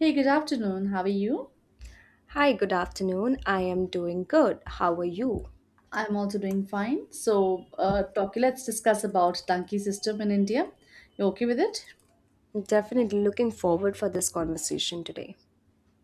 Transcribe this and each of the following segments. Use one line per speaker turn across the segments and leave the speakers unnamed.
Hey, good afternoon. How are you?
Hi, good afternoon. I am doing good. How are you?
I'm also doing fine. Let's discuss about Tanki system in India. You okay with it?
Definitely looking forward for this conversation today.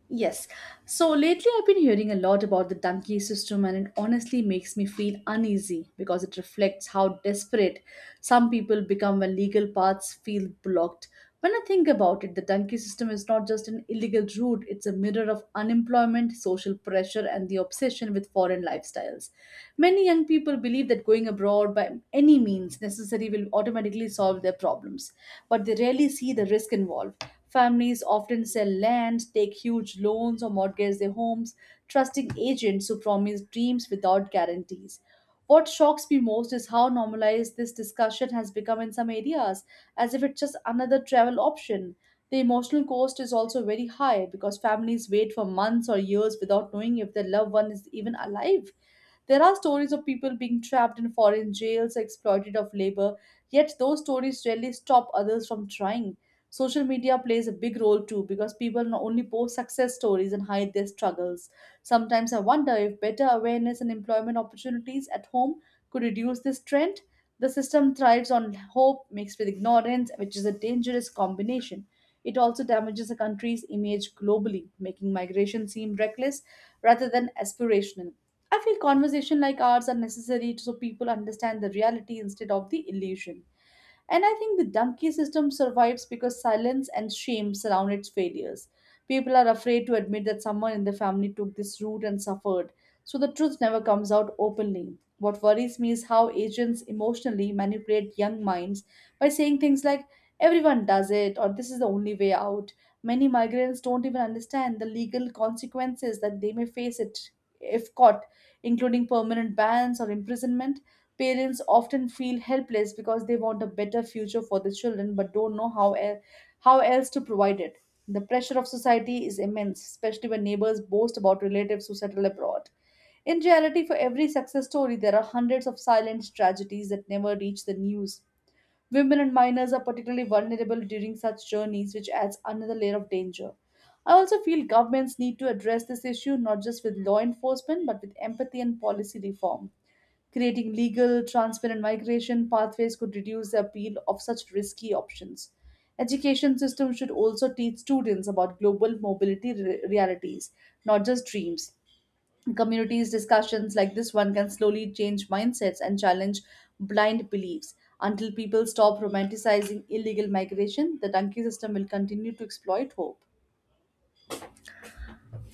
Yes. So lately I've been hearing a lot about the donkey system and it honestly makes me feel uneasy because it reflects how desperate some people become when legal paths feel blocked. When I think about it, the donkey system is not just an illegal route, it's a mirror of unemployment, social pressure and the obsession with foreign lifestyles. Many young people believe that going abroad by any means necessary will automatically solve their problems, but they rarely see the risk involved. Families often sell land, take huge loans, or mortgage their homes, trusting agents who promise dreams without guarantees. What shocks me most is how normalized this discussion has become in some areas, as if it's just another travel option. The emotional cost is also very high because families wait for months or years without knowing if their loved one is even alive. There are stories of people being trapped in foreign jails, exploited of labor, yet those stories rarely stop others from trying. Social media plays a big role too because people not only post success stories and hide their struggles. Sometimes I wonder if better awareness and employment opportunities at home could reduce this trend. The system thrives on hope mixed with ignorance, which is a dangerous combination. It also damages a country's image globally, making migration seem reckless rather than aspirational. I feel conversation like ours are necessary so people understand the reality instead of the illusion. And I think the donkey system survives because silence and shame surround its failures. People are afraid to admit that someone in the family took this route and suffered, so the truth never comes out openly. What worries me is how agents emotionally manipulate young minds by saying things like, everyone does it, or this is the only way out. Many migrants don't even understand the legal consequences that they may face it if caught, including permanent bans or imprisonment. Parents often feel helpless because they want a better future for their children but don't know how else to provide it. The pressure of society is immense, especially when neighbors boast about relatives who settle abroad. In reality, for every success story, there are hundreds of silent tragedies that never reach the news. Women and minors are particularly vulnerable during such journeys, which adds another layer of danger. I also feel governments need to address this issue not just with law enforcement but with empathy and policy reform. Creating legal, transparent migration pathways could reduce the appeal of such risky options. Education systems should also teach students about global realities, not just dreams. Communities' discussions like this one can slowly change mindsets and challenge blind beliefs. Until people stop romanticizing illegal migration, the donkey system will continue to exploit hope.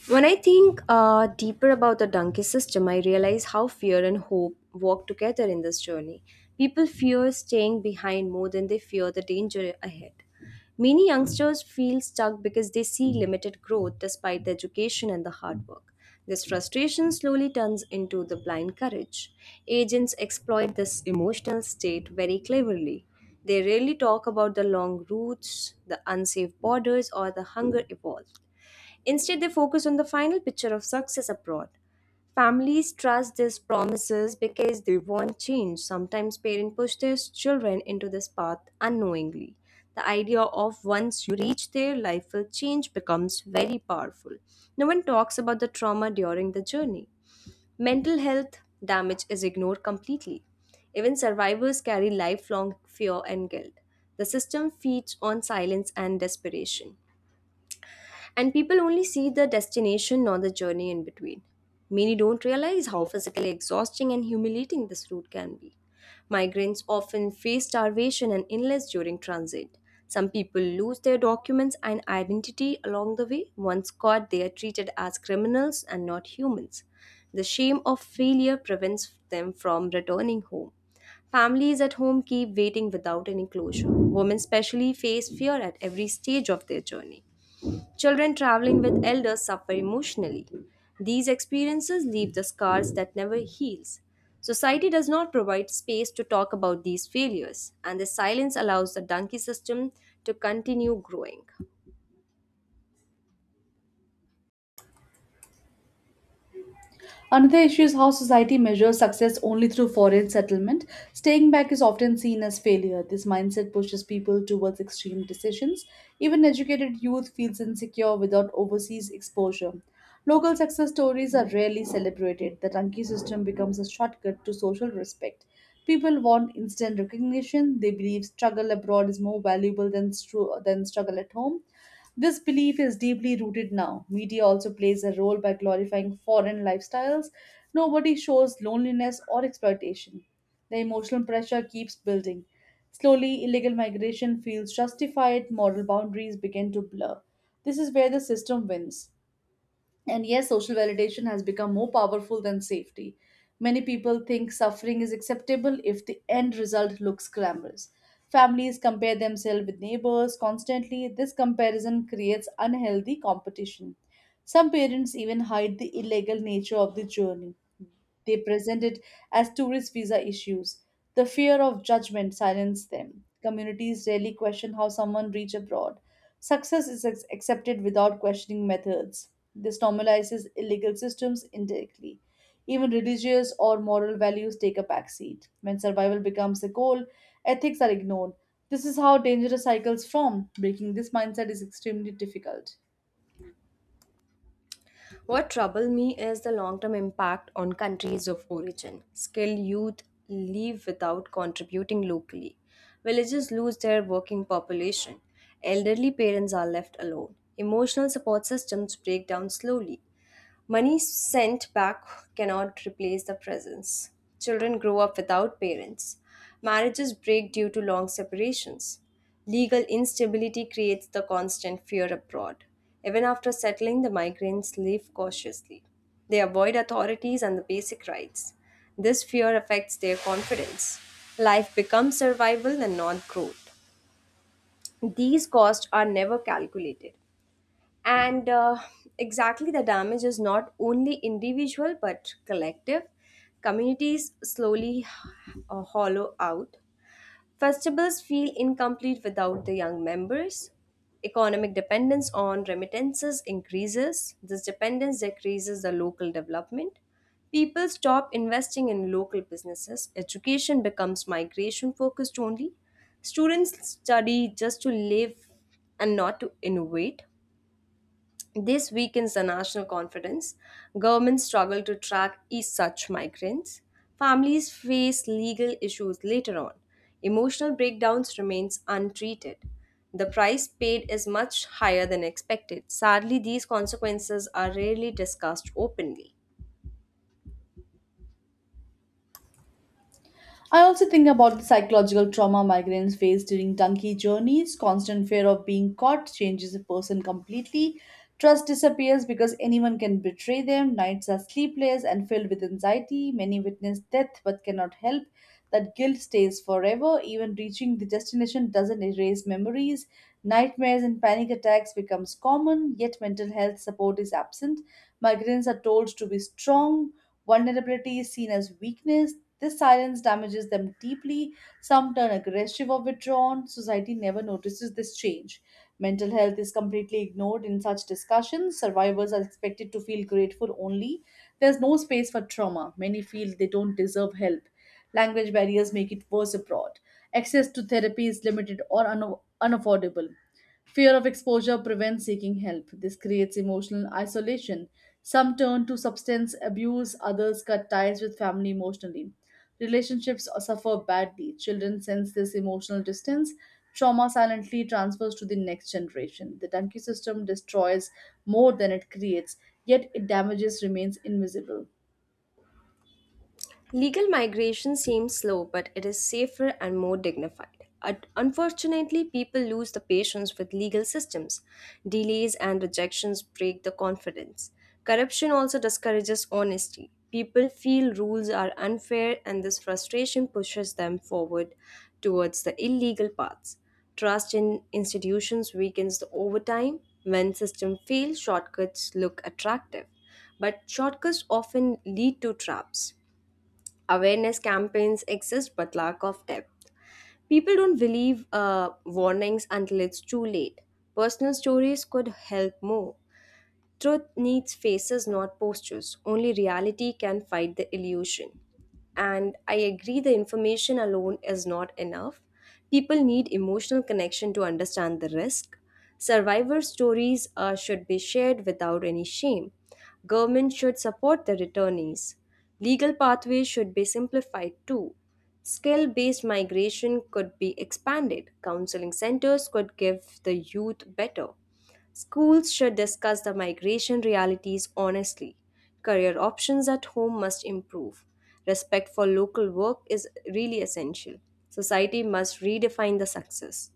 When I think deeper about the donkey system, I realize how fear and hope walk together in this journey. People fear staying behind more than they fear the danger ahead. Many youngsters feel stuck because they see limited growth despite the education and the hard work. This frustration slowly turns into the blind courage. Agents exploit this emotional state very cleverly. They rarely talk about the long routes, the unsafe borders, or the hunger involved. Instead, they focus on the final picture of success abroad. Families trust these promises because they want change. Sometimes parents push their children into this path unknowingly. The idea of once you reach there, life will change becomes very powerful. No one talks about the trauma during the journey. Mental health damage is ignored completely. Even survivors carry lifelong fear and guilt. The system feeds on silence and desperation. And people only see the destination, not the journey in between. Many don't realize how physically exhausting and humiliating this route can be. Migrants often face starvation and illness during transit. Some people lose their documents and identity along the way. Once caught, they are treated as criminals and not humans. The shame of failure prevents them from returning home. Families at home keep waiting without any closure. Women, especially, face fear at every stage of their journey. Children traveling with elders suffer emotionally. These experiences leave the scars that never heals. Society does not provide space to talk about these failures, and the silence allows the donkey system to continue growing.
Another issue is how society measures success only through foreign settlement. Staying back is often seen as failure. This mindset pushes people towards extreme decisions. Even educated youth feels insecure without overseas exposure. Local success stories are rarely celebrated. The ranking system becomes a shortcut to social respect. People want instant recognition. They believe struggle abroad is more valuable than struggle at home. This belief is deeply rooted now. Media also plays a role by glorifying foreign lifestyles. Nobody shows loneliness or exploitation. The emotional pressure keeps building. Slowly, illegal migration feels justified, moral boundaries begin to blur. This is where the system wins. And yes, social validation has become more powerful than safety. Many people think suffering is acceptable if the end result looks glamorous. Families compare themselves with neighbors constantly. This comparison creates unhealthy competition. Some parents even hide the illegal nature of the journey. They present it as tourist visa issues. The fear of judgment silenced them. Communities rarely question how someone reached abroad. Success is accepted without questioning methods. This normalizes illegal systems indirectly. Even religious or moral values take a backseat. When survival becomes a goal, ethics are ignored. This is how dangerous cycles form. Breaking this mindset is extremely difficult.
What troubles me is the long-term impact on countries of origin. Skilled youth leave without contributing locally. Villages lose their working population. Elderly parents are left alone. Emotional support systems break down slowly. Money sent back cannot replace the presence. Children grow up without parents. Marriages break due to long separations. Legal instability creates the constant fear abroad. Even after settling, the migrants live cautiously. They avoid authorities and the basic rights. This fear affects their confidence. Life becomes survival and not growth. These costs are never calculated and exactly the damage is not only individual but collective communities slowly hollow out festivals feel incomplete without the young members economic dependence on remittances increases this dependence decreases the local development people stop investing in local businesses education becomes migration focused only students study just to live and not to innovate this weakens the national confidence. Governments struggle to track each such migrants. Families face legal issues later on. Emotional breakdowns remains untreated. The price paid is much higher than expected. Sadly, these consequences are rarely discussed openly.
I also think about the psychological trauma migrants face during donkey journeys. Constant fear of being caught changes a person completely. Trust disappears because anyone can betray them. Nights are sleepless and filled with anxiety. Many witness death but cannot help. That guilt stays forever. Even reaching the destination doesn't erase memories. Nightmares and panic attacks becomes common, yet mental health support is absent. Migrants are told to be strong. Vulnerability is seen as weakness. This silence damages them deeply. Some turn aggressive or withdrawn. Society never notices this change. Mental health is completely ignored in such discussions. Survivors are expected to feel grateful only. There's no space for trauma. Many feel they don't deserve help. Language barriers make it worse abroad. Access to therapy is limited unaffordable. Fear of exposure prevents seeking help. This creates emotional isolation. Some turn to substance abuse, others cut ties with family emotionally. Relationships suffer badly. Children sense this emotional distance. Trauma silently transfers to the next generation. The Dunky system destroys more than it creates, yet its damages remains invisible.
Legal migration seems slow, but it is safer and more dignified. Unfortunately, people lose the patience with legal systems. Delays and rejections break the confidence. Corruption also discourages honesty. People feel rules are unfair, and this frustration pushes them forward towards the illegal paths. Trust in institutions weakens the overtime. When systems fail, shortcuts look attractive, but shortcuts often lead to traps. Awareness campaigns exist, but lack of depth. People don't believe warnings until it's too late. Personal stories could help more. Truth needs faces, not postures. Only reality can fight the illusion. And I agree the information alone is not enough. People need emotional connection to understand the risk. Survivor stories should be shared without any shame. Government should support the returnees. Legal pathways should be simplified too. Skill based migration could be expanded. Counseling centers could give the youth better. Schools should discuss the migration realities honestly. Career options at home must improve. Respect for local work is really essential. Society must redefine the success.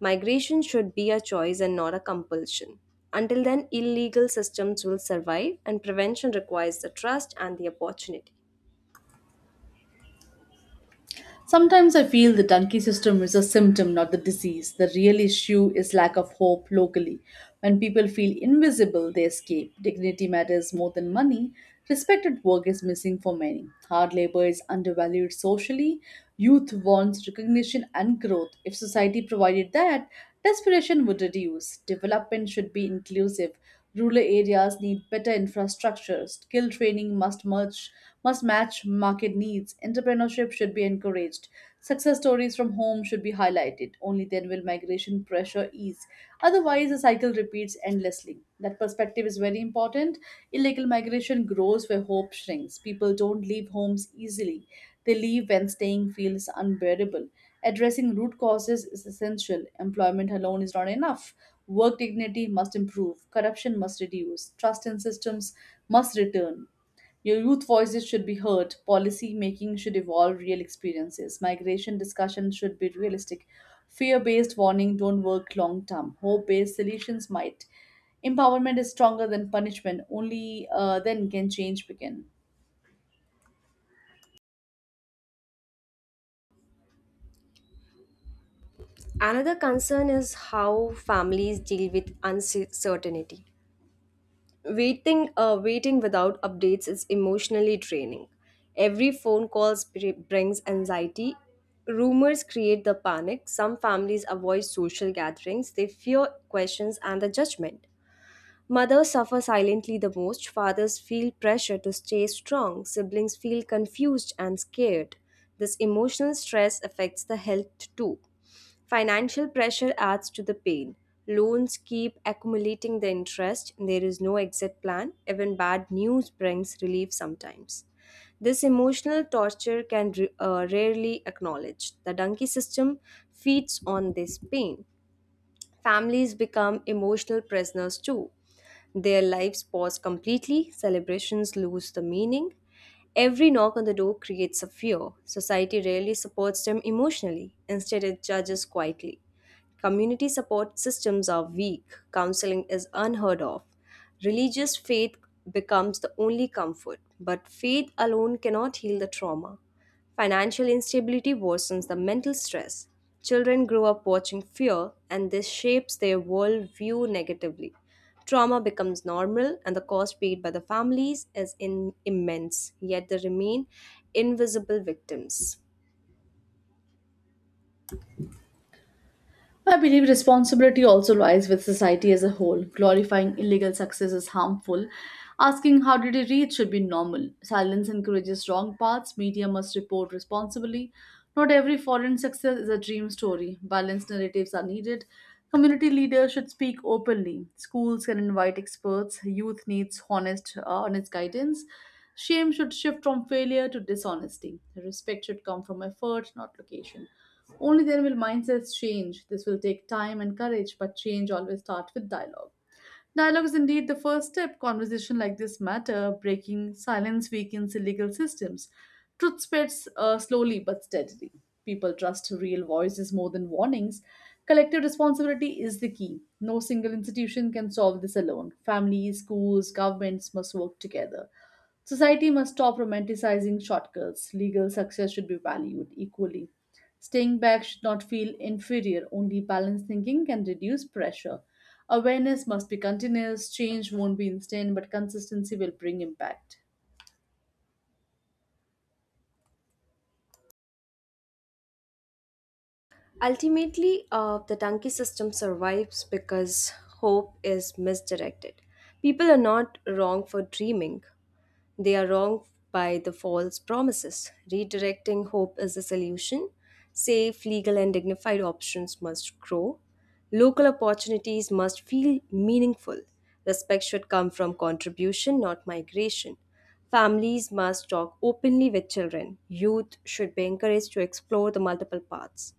Migration should be a choice and not a compulsion. Until then, illegal systems will survive, and prevention requires the trust and the opportunity.
Sometimes I feel the donkey system is a symptom, not the disease. The real issue is lack of hope locally. When people feel invisible, they escape. Dignity matters more than money. Respected work is missing for many. Hard labor is undervalued socially. Youth wants recognition and growth. If society provided that, desperation would reduce. Development should be inclusive. Rural areas need better infrastructure. Skill training must merge, Must match market needs. Entrepreneurship should be encouraged. Success stories from home should be highlighted. Only then will migration pressure ease. Otherwise, the cycle repeats endlessly. That perspective is very important. Illegal migration grows where hope shrinks. People don't leave homes easily. They leave when staying feels unbearable. Addressing root causes is essential. Employment alone is not enough. Work dignity must improve. Corruption must reduce. Trust in systems must return. Your youth voices should be heard. Policy making should evolve real experiences. Migration discussion should be realistic. Fear based warning don't work long term. Hope based solutions might. Empowerment is stronger than punishment. Only then can change begin.
Another concern is how families deal with uncertainty. Waiting without updates is emotionally draining. Every phone call brings anxiety. Rumors create the panic. Some families avoid social gatherings. They fear questions and the judgment. Mothers suffer silently the most, fathers feel pressure to stay strong, siblings feel confused and scared. This emotional stress affects the health too. Financial pressure adds to the pain. Loans keep accumulating the interest, and there is no exit plan. Even bad news brings relief sometimes. This emotional torture can rarely acknowledged. The donkey system feeds on this pain. Families become emotional prisoners too. Their lives pause completely, celebrations lose the meaning. Every knock on the door creates a fear. Society rarely supports them emotionally, instead, it judges quietly. Community support systems are weak, counseling is unheard of. Religious faith becomes the only comfort, but faith alone cannot heal the trauma. Financial instability worsens the mental stress. Children grow up watching fear, and this shapes their worldview negatively. Trauma becomes normal, and the cost paid by the families is immense, yet they remain invisible victims.
I believe responsibility also lies with society as a whole. Glorifying illegal success is harmful. Asking how did it reach should be normal. Silence encourages wrong paths. Media must report responsibly. Not every foreign success is a dream story. Balanced narratives are needed. Community leaders should speak openly. Schools can invite experts. Youth needs honest guidance. Shame should shift from failure to dishonesty. Respect should come from effort, not location. Only then will mindsets change. This will take time and courage, but change always starts with dialogue. Dialogue is indeed the first step. Conversation like this matter. Breaking silence weakens illegal systems. Truth spreads slowly but steadily. People trust real voices more than warnings. Collective responsibility is the key. No single institution can solve this alone. Families, schools, governments must work together. Society must stop romanticizing shortcuts. Legal success should be valued equally. Staying back should not feel inferior, only balanced thinking can reduce pressure. Awareness must be continuous, change won't be instant, but consistency will bring impact.
Ultimately, the donkey system survives because hope is misdirected. People are not wrong for dreaming. They are wronged by the false promises. Redirecting hope is the solution. Safe, legal, and dignified options must grow. Local opportunities must feel meaningful. Respect should come from contribution, not migration. Families must talk openly with children. Youth should be encouraged to explore the multiple paths.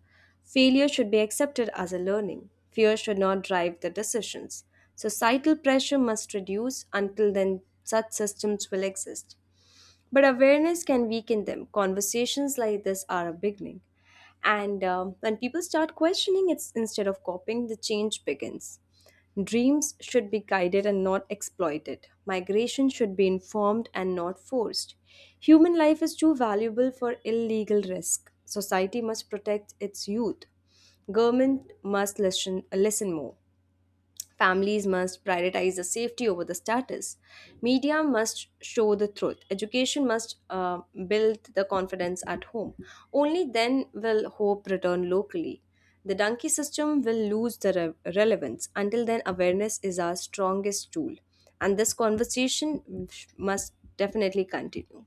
Failure should be accepted as a learning. Fear should not drive the decisions. Societal pressure must reduce. Until then, such systems will exist. But awareness can weaken them. Conversations like this are a beginning. And When people start questioning it instead of copying, the change begins. Dreams should be guided and not exploited. Migration should be informed and not forced. Human life is too valuable for illegal risk. Society must protect its youth. Government must listen, listen more. Families must prioritize the safety over the status. Media must show the truth. Education must build the confidence at home. Only then will hope return locally. The donkey system will lose the relevance. Until then, awareness is our strongest tool. And this conversation must definitely continue.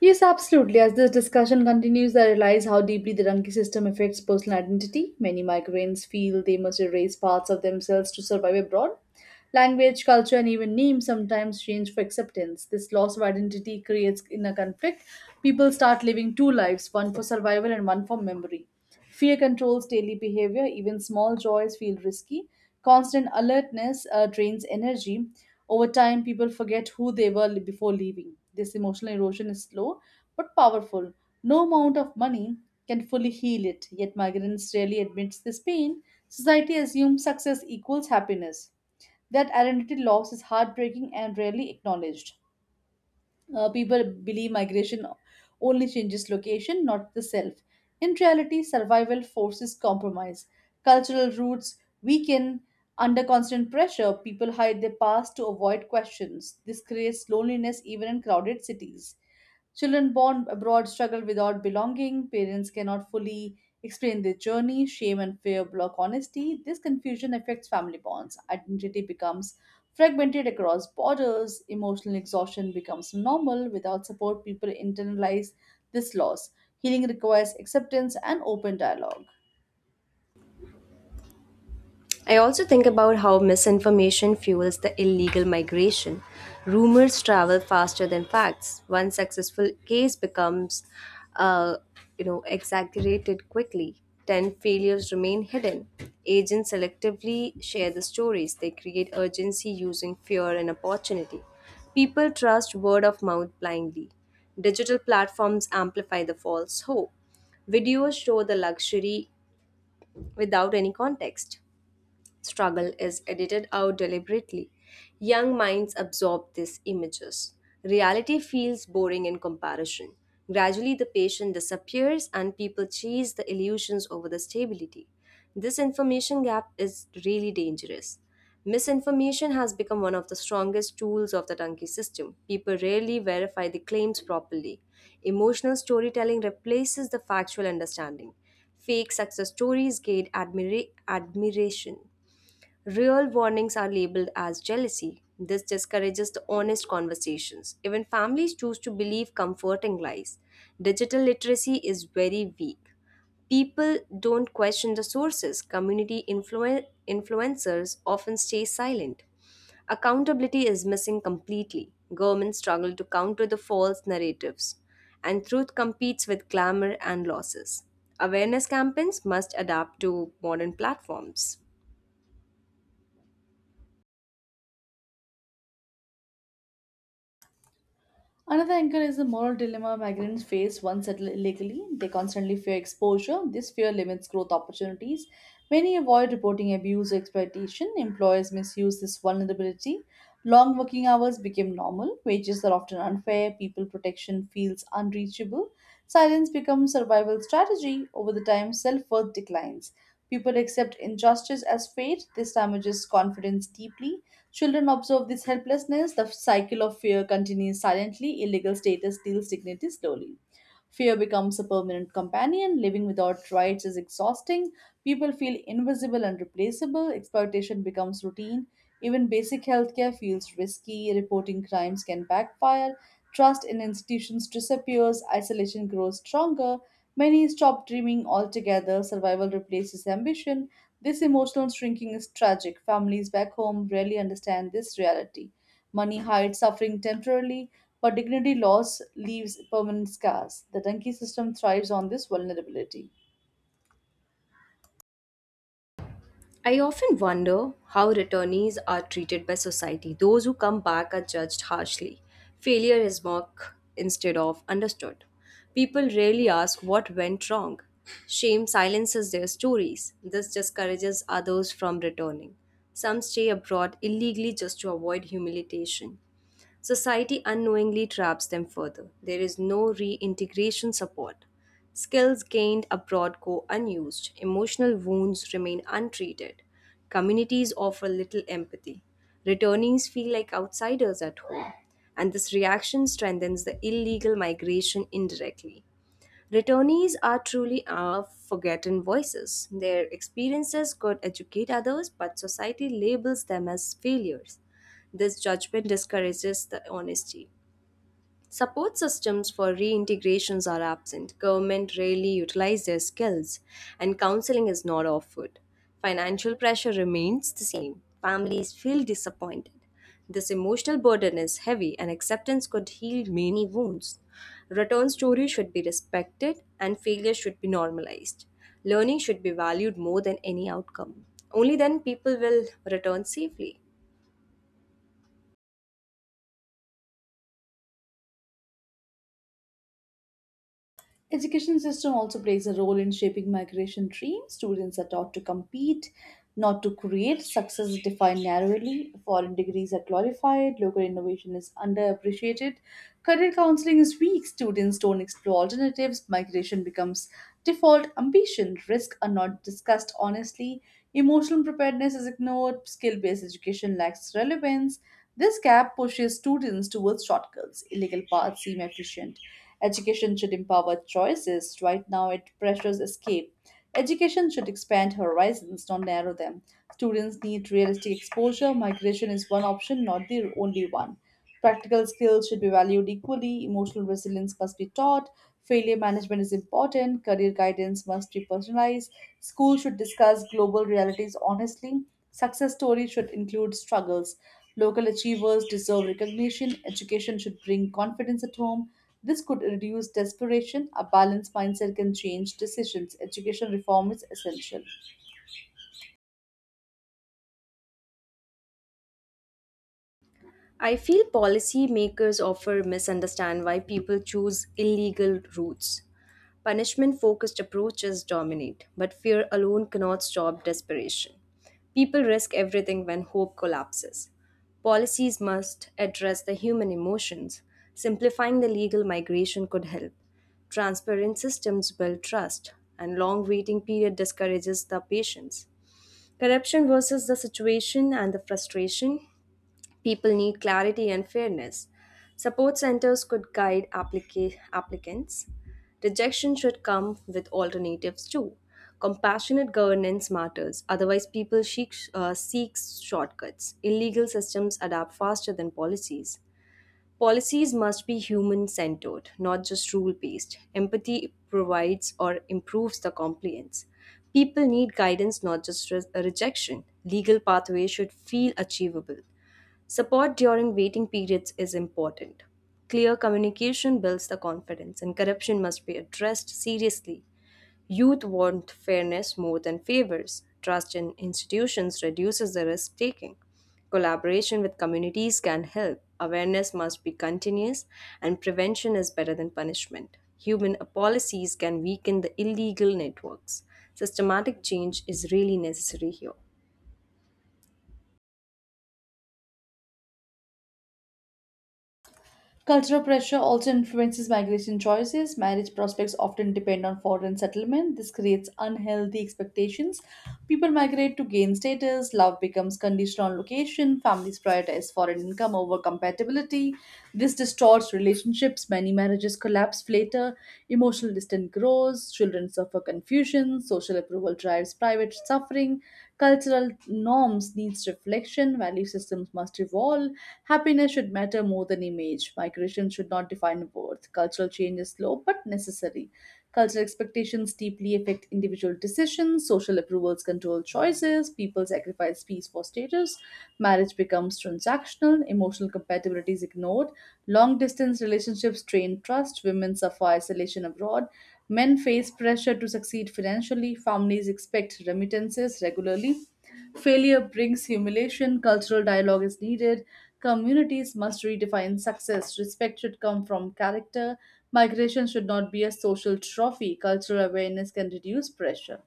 Yes, absolutely. As this discussion continues, I realize how deeply the Ranki system affects personal identity. Many migrants feel they must erase parts of themselves to survive abroad. Language, culture, and even names sometimes change for acceptance. This loss of identity creates inner conflict. People start living two lives, one for survival and one for memory. Fear controls daily behavior, even small joys feel risky. Constant alertness drains energy. Over time, people forget who they were before leaving. This emotional erosion is slow but powerful. No amount of money can fully heal it, yet migrants rarely admits this pain. Society assumes success equals happiness. That identity loss is heartbreaking and rarely acknowledged. People believe migration only changes location, not the self. In reality, survival forces compromise. Cultural roots weaken under constant pressure. People hide their past to avoid questions. This creates loneliness even in crowded cities. Children born abroad struggle without belonging. Parents cannot fully explain their journey. Shame and fear block honesty. This confusion affects family bonds. Identity becomes fragmented across borders. Emotional exhaustion becomes normal. Without support, people internalize this loss. Healing requires acceptance and open dialogue.
I also think about how misinformation fuels the illegal migration. Rumors travel faster than facts. One successful case becomes, uh, you know, exaggerated quickly. Ten failures remain hidden. Agents selectively share the stories. They create urgency using fear and opportunity. People trust word of mouth blindly. Digital platforms amplify the false hope. Videos show the luxury without any context struggle is edited out deliberately. Young minds absorb these images. Reality feels boring in comparison. Gradually, the patient disappears and people chase the illusions over the stability. This information gap is really dangerous. Misinformation has become one of the strongest tools of the donkey system. People rarely verify the claims properly. Emotional storytelling replaces the factual understanding. Fake success stories gain admiration. Real warnings are labeled as jealousy. This discourages the honest conversations. Even families choose to believe comforting lies. Digital literacy is very weak. People don't question the sources. Community influencers often stay silent. Accountability is missing completely. Governments struggle to counter the false narratives, and truth competes with glamour and losses. Awareness campaigns must adapt to modern platforms.
Another angle is the moral dilemma migrants face once settled illegally. They constantly fear exposure. This fear limits growth opportunities. Many avoid reporting abuse or exploitation. Employers misuse this vulnerability. Long working hours become normal. Wages are often unfair. People protection feels unreachable. Silence becomes survival strategy. Over the time, self-worth declines. People accept injustice as fate. This damages confidence deeply. Children observe this helplessness, the cycle of fear continues silently, illegal status steals dignity slowly. Fear becomes a permanent companion. Living without rights is exhausting, people feel invisible and replaceable, exploitation becomes routine, even basic healthcare feels risky, reporting crimes can backfire, trust in institutions disappears, isolation grows stronger, many stop dreaming altogether, survival replaces ambition. This emotional shrinking is tragic. Families back home rarely understand this reality. Money hides suffering temporarily, but dignity loss leaves permanent scars. The Dunki system thrives on this vulnerability.
I often wonder how returnees are treated by society. Those who come back are judged harshly. Failure is mocked instead of understood. People rarely ask what went wrong. Shame silences their stories. This discourages others from returning. Some stay abroad illegally just to avoid humiliation society unknowingly traps them further. There is no reintegration support. Skills gained abroad go unused, emotional wounds remain untreated. Communities offer little empathy. Returnees feel like outsiders at home, and this reaction strengthens the illegal migration indirectly. Returnees are truly our forgotten voices. Their experiences could educate others, but society labels them as failures. This judgment discourages the honesty. Support systems for reintegrations are absent. Government rarely utilize their skills, and counseling is not offered. Financial pressure remains the same. Families feel disappointed. This emotional burden is heavy, and acceptance could heal many wounds. Return stories should be respected, and failure should be normalized. Learning should be valued more than any outcome. Only then people will return safely.
Education system also plays a role in shaping migration dreams. Students are taught to compete, not to create. Success is defined narrowly. Foreign degrees are glorified. Local innovation is underappreciated. Career counseling is weak. Students don't explore alternatives. Migration becomes default ambition. Risks are not discussed honestly. Emotional preparedness is ignored. Skill-based education lacks relevance. This gap pushes students towards shortcuts. Illegal paths seem efficient. Education should empower choices. Right now, it pressures escape. Education should expand horizons, not narrow them. Students need realistic exposure. Migration is one option, not the only one. Practical skills should be valued equally. Emotional resilience must be taught. Failure management is important. Career guidance must be personalized. Schools should discuss global realities honestly. Success stories should include struggles. Local achievers deserve recognition. Education should bring confidence at home. This could reduce desperation. A balanced mindset can change decisions. Education reform is essential.
I feel policymakers often misunderstand why people choose illegal routes. Punishment focused approaches dominate, but fear alone cannot stop desperation. People risk everything when hope collapses. Policies must address the human emotions. Simplifying the legal migration could help. Transparent systems build trust, and long waiting period discourages the patience. Corruption versus the situation and the frustration. People need clarity and fairness. Support centers could guide applicants. Rejection should come with alternatives too. Compassionate governance matters, otherwise, people seek shortcuts. Illegal systems adapt faster than policies. Policies must be human centered, not just rule based. Empathy provides or improves the compliance. People need guidance, not just rejection. Legal pathways should feel achievable. Support during waiting periods is important. Clear communication builds the confidence, and corruption must be addressed seriously. Youth want fairness more than favors. Trust in institutions reduces the risk taking. Collaboration with communities can help. Awareness must be continuous, and prevention is better than punishment. Human policies can weaken the illegal networks. Systematic change is really necessary here.
Cultural pressure also influences migration choices. Marriage prospects often depend on foreign settlement. This creates unhealthy expectations. People migrate to gain status. Love becomes conditional on location. Families prioritize foreign income over compatibility. This distorts relationships. Many marriages collapse later. Emotional distance grows. Children suffer confusion. Social approval drives private suffering. Cultural norms needs reflection. Value systems must evolve. Happiness should matter more than image. Migration should not define worth. Cultural change is slow but necessary. Cultural expectations deeply affect individual decisions. Social approvals control choices. People sacrifice peace for status. Marriage becomes transactional. Emotional compatibility is ignored. Long distance relationships strain trust. Women suffer isolation abroad. Men face pressure to succeed financially. Families expect remittances regularly. Failure brings humiliation. Cultural dialogue is needed. Communities must redefine success. Respect should come from character. Migration should not be a social trophy. Cultural awareness can reduce pressure.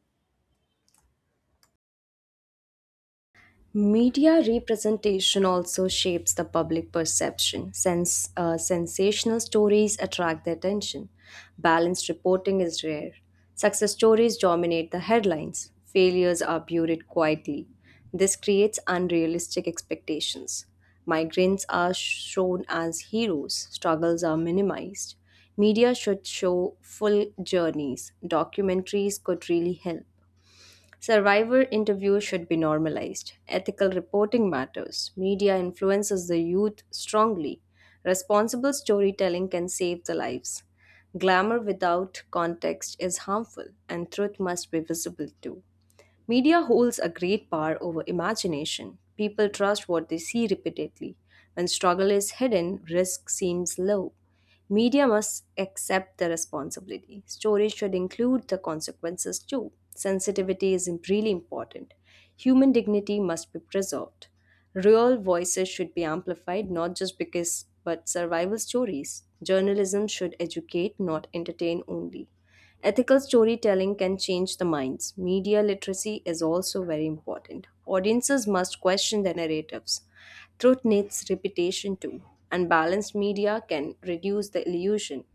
Media representation also shapes the public perception, since sensational stories attract the attention. Balanced reporting is rare. Success stories dominate the headlines, failures are buried quietly. This creates unrealistic expectations. Migrants are shown as heroes, struggles are minimized. Media should show full journeys. Documentaries could really help. Survivor interviews should be normalized. Ethical reporting matters. Media influences the youth strongly. Responsible storytelling can save the lives. Glamour without context is harmful, and truth must be visible too. Media holds a great power over imagination. People trust what they see repeatedly. When struggle is hidden, risk seems low. Media must accept the responsibility. Stories should include the consequences too. Sensitivity is really important. Human dignity must be preserved. Real voices should be amplified, not just because, but survival stories. Journalism should educate, not entertain only. Ethical storytelling can change the minds. Media literacy is also very important. Audiences must question their narratives. Truth needs repetition too, and balanced media can reduce the illusion.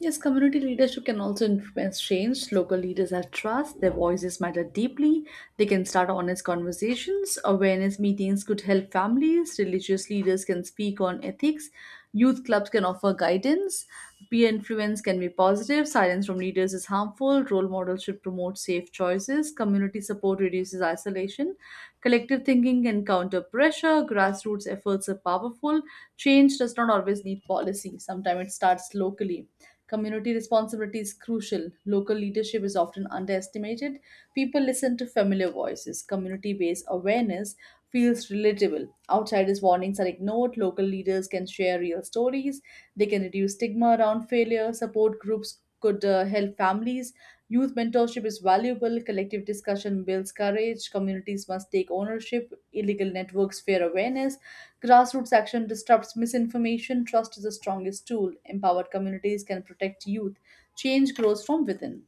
Yes, community leadership can also influence change. Local leaders have trust, their voices matter deeply, they can start honest conversations. Awareness meetings could help families, religious leaders can speak on ethics, youth clubs can offer guidance, peer influence can be positive, silence from leaders is harmful, role models should promote safe choices, community support reduces isolation, collective thinking can counter pressure, grassroots efforts are powerful. Change does not always need policy, sometimes it starts locally. Community responsibility is crucial. Local leadership is often underestimated. People listen to familiar voices. Community based awareness feels relatable. Outsiders' warnings are ignored. Local leaders can share real stories. They can reduce stigma around failure. Support groups could help families. Youth mentorship is valuable. Collective discussion builds courage. Communities must take ownership. Illegal networks fear awareness. Grassroots action disrupts misinformation. Trust is the strongest tool. Empowered communities can protect youth. Change grows from within.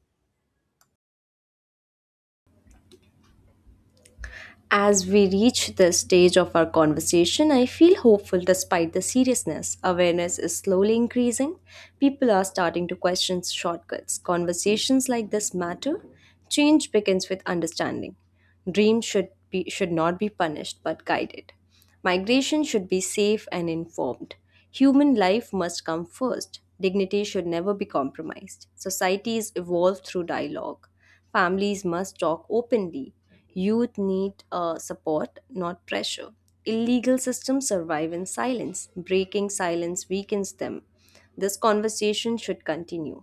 As we reach this stage of our conversation, I feel hopeful despite the seriousness. Awareness is slowly increasing. People are starting to question shortcuts. Conversations like this matter. Change begins with understanding. Dreams should not be punished but guided. Migration should be safe and informed. Human life must come first. Dignity should never be compromised. Societies evolve through dialogue. Families must talk openly. Youth need support, not pressure. Illegal systems survive in silence. Breaking silence weakens them. This conversation should continue.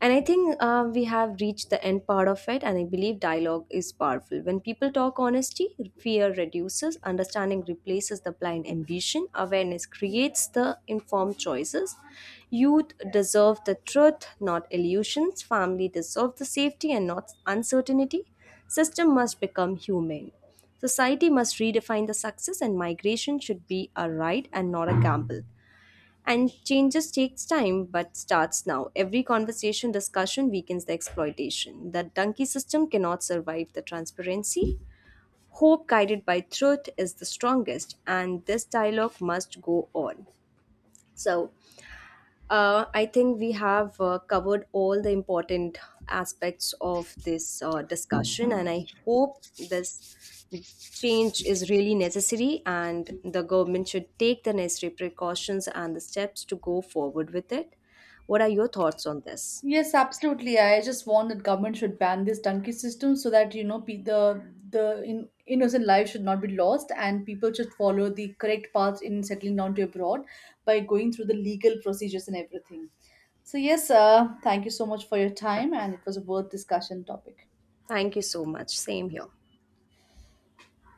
And I think we have reached the end part of it, and I believe dialogue is powerful. When people talk honesty, fear reduces, understanding replaces the blind ambition, awareness creates the informed choices. Youth deserve the truth, not illusions. Family deserve the safety and not uncertainty. System must become humane. Society must redefine the success, and migration should be a right and not a gamble. And changes takes time, but starts now. Every conversation discussion weakens the exploitation. The donkey system cannot survive the transparency. Hope guided by truth is the strongest, and this dialogue must go on. So I think we have covered all the important aspects of this discussion, and I hope this change is really necessary and the government should take the necessary precautions and the steps to go forward with it. What are your thoughts on this?
Yes, absolutely. I just want that government should ban this donkey system so that innocent life should not be lost and people should follow the correct path in settling down to abroad by going through the legal procedures and everything. So yes, thank you so much for your time and it was a worth discussion topic.
Thank you so much. Same here.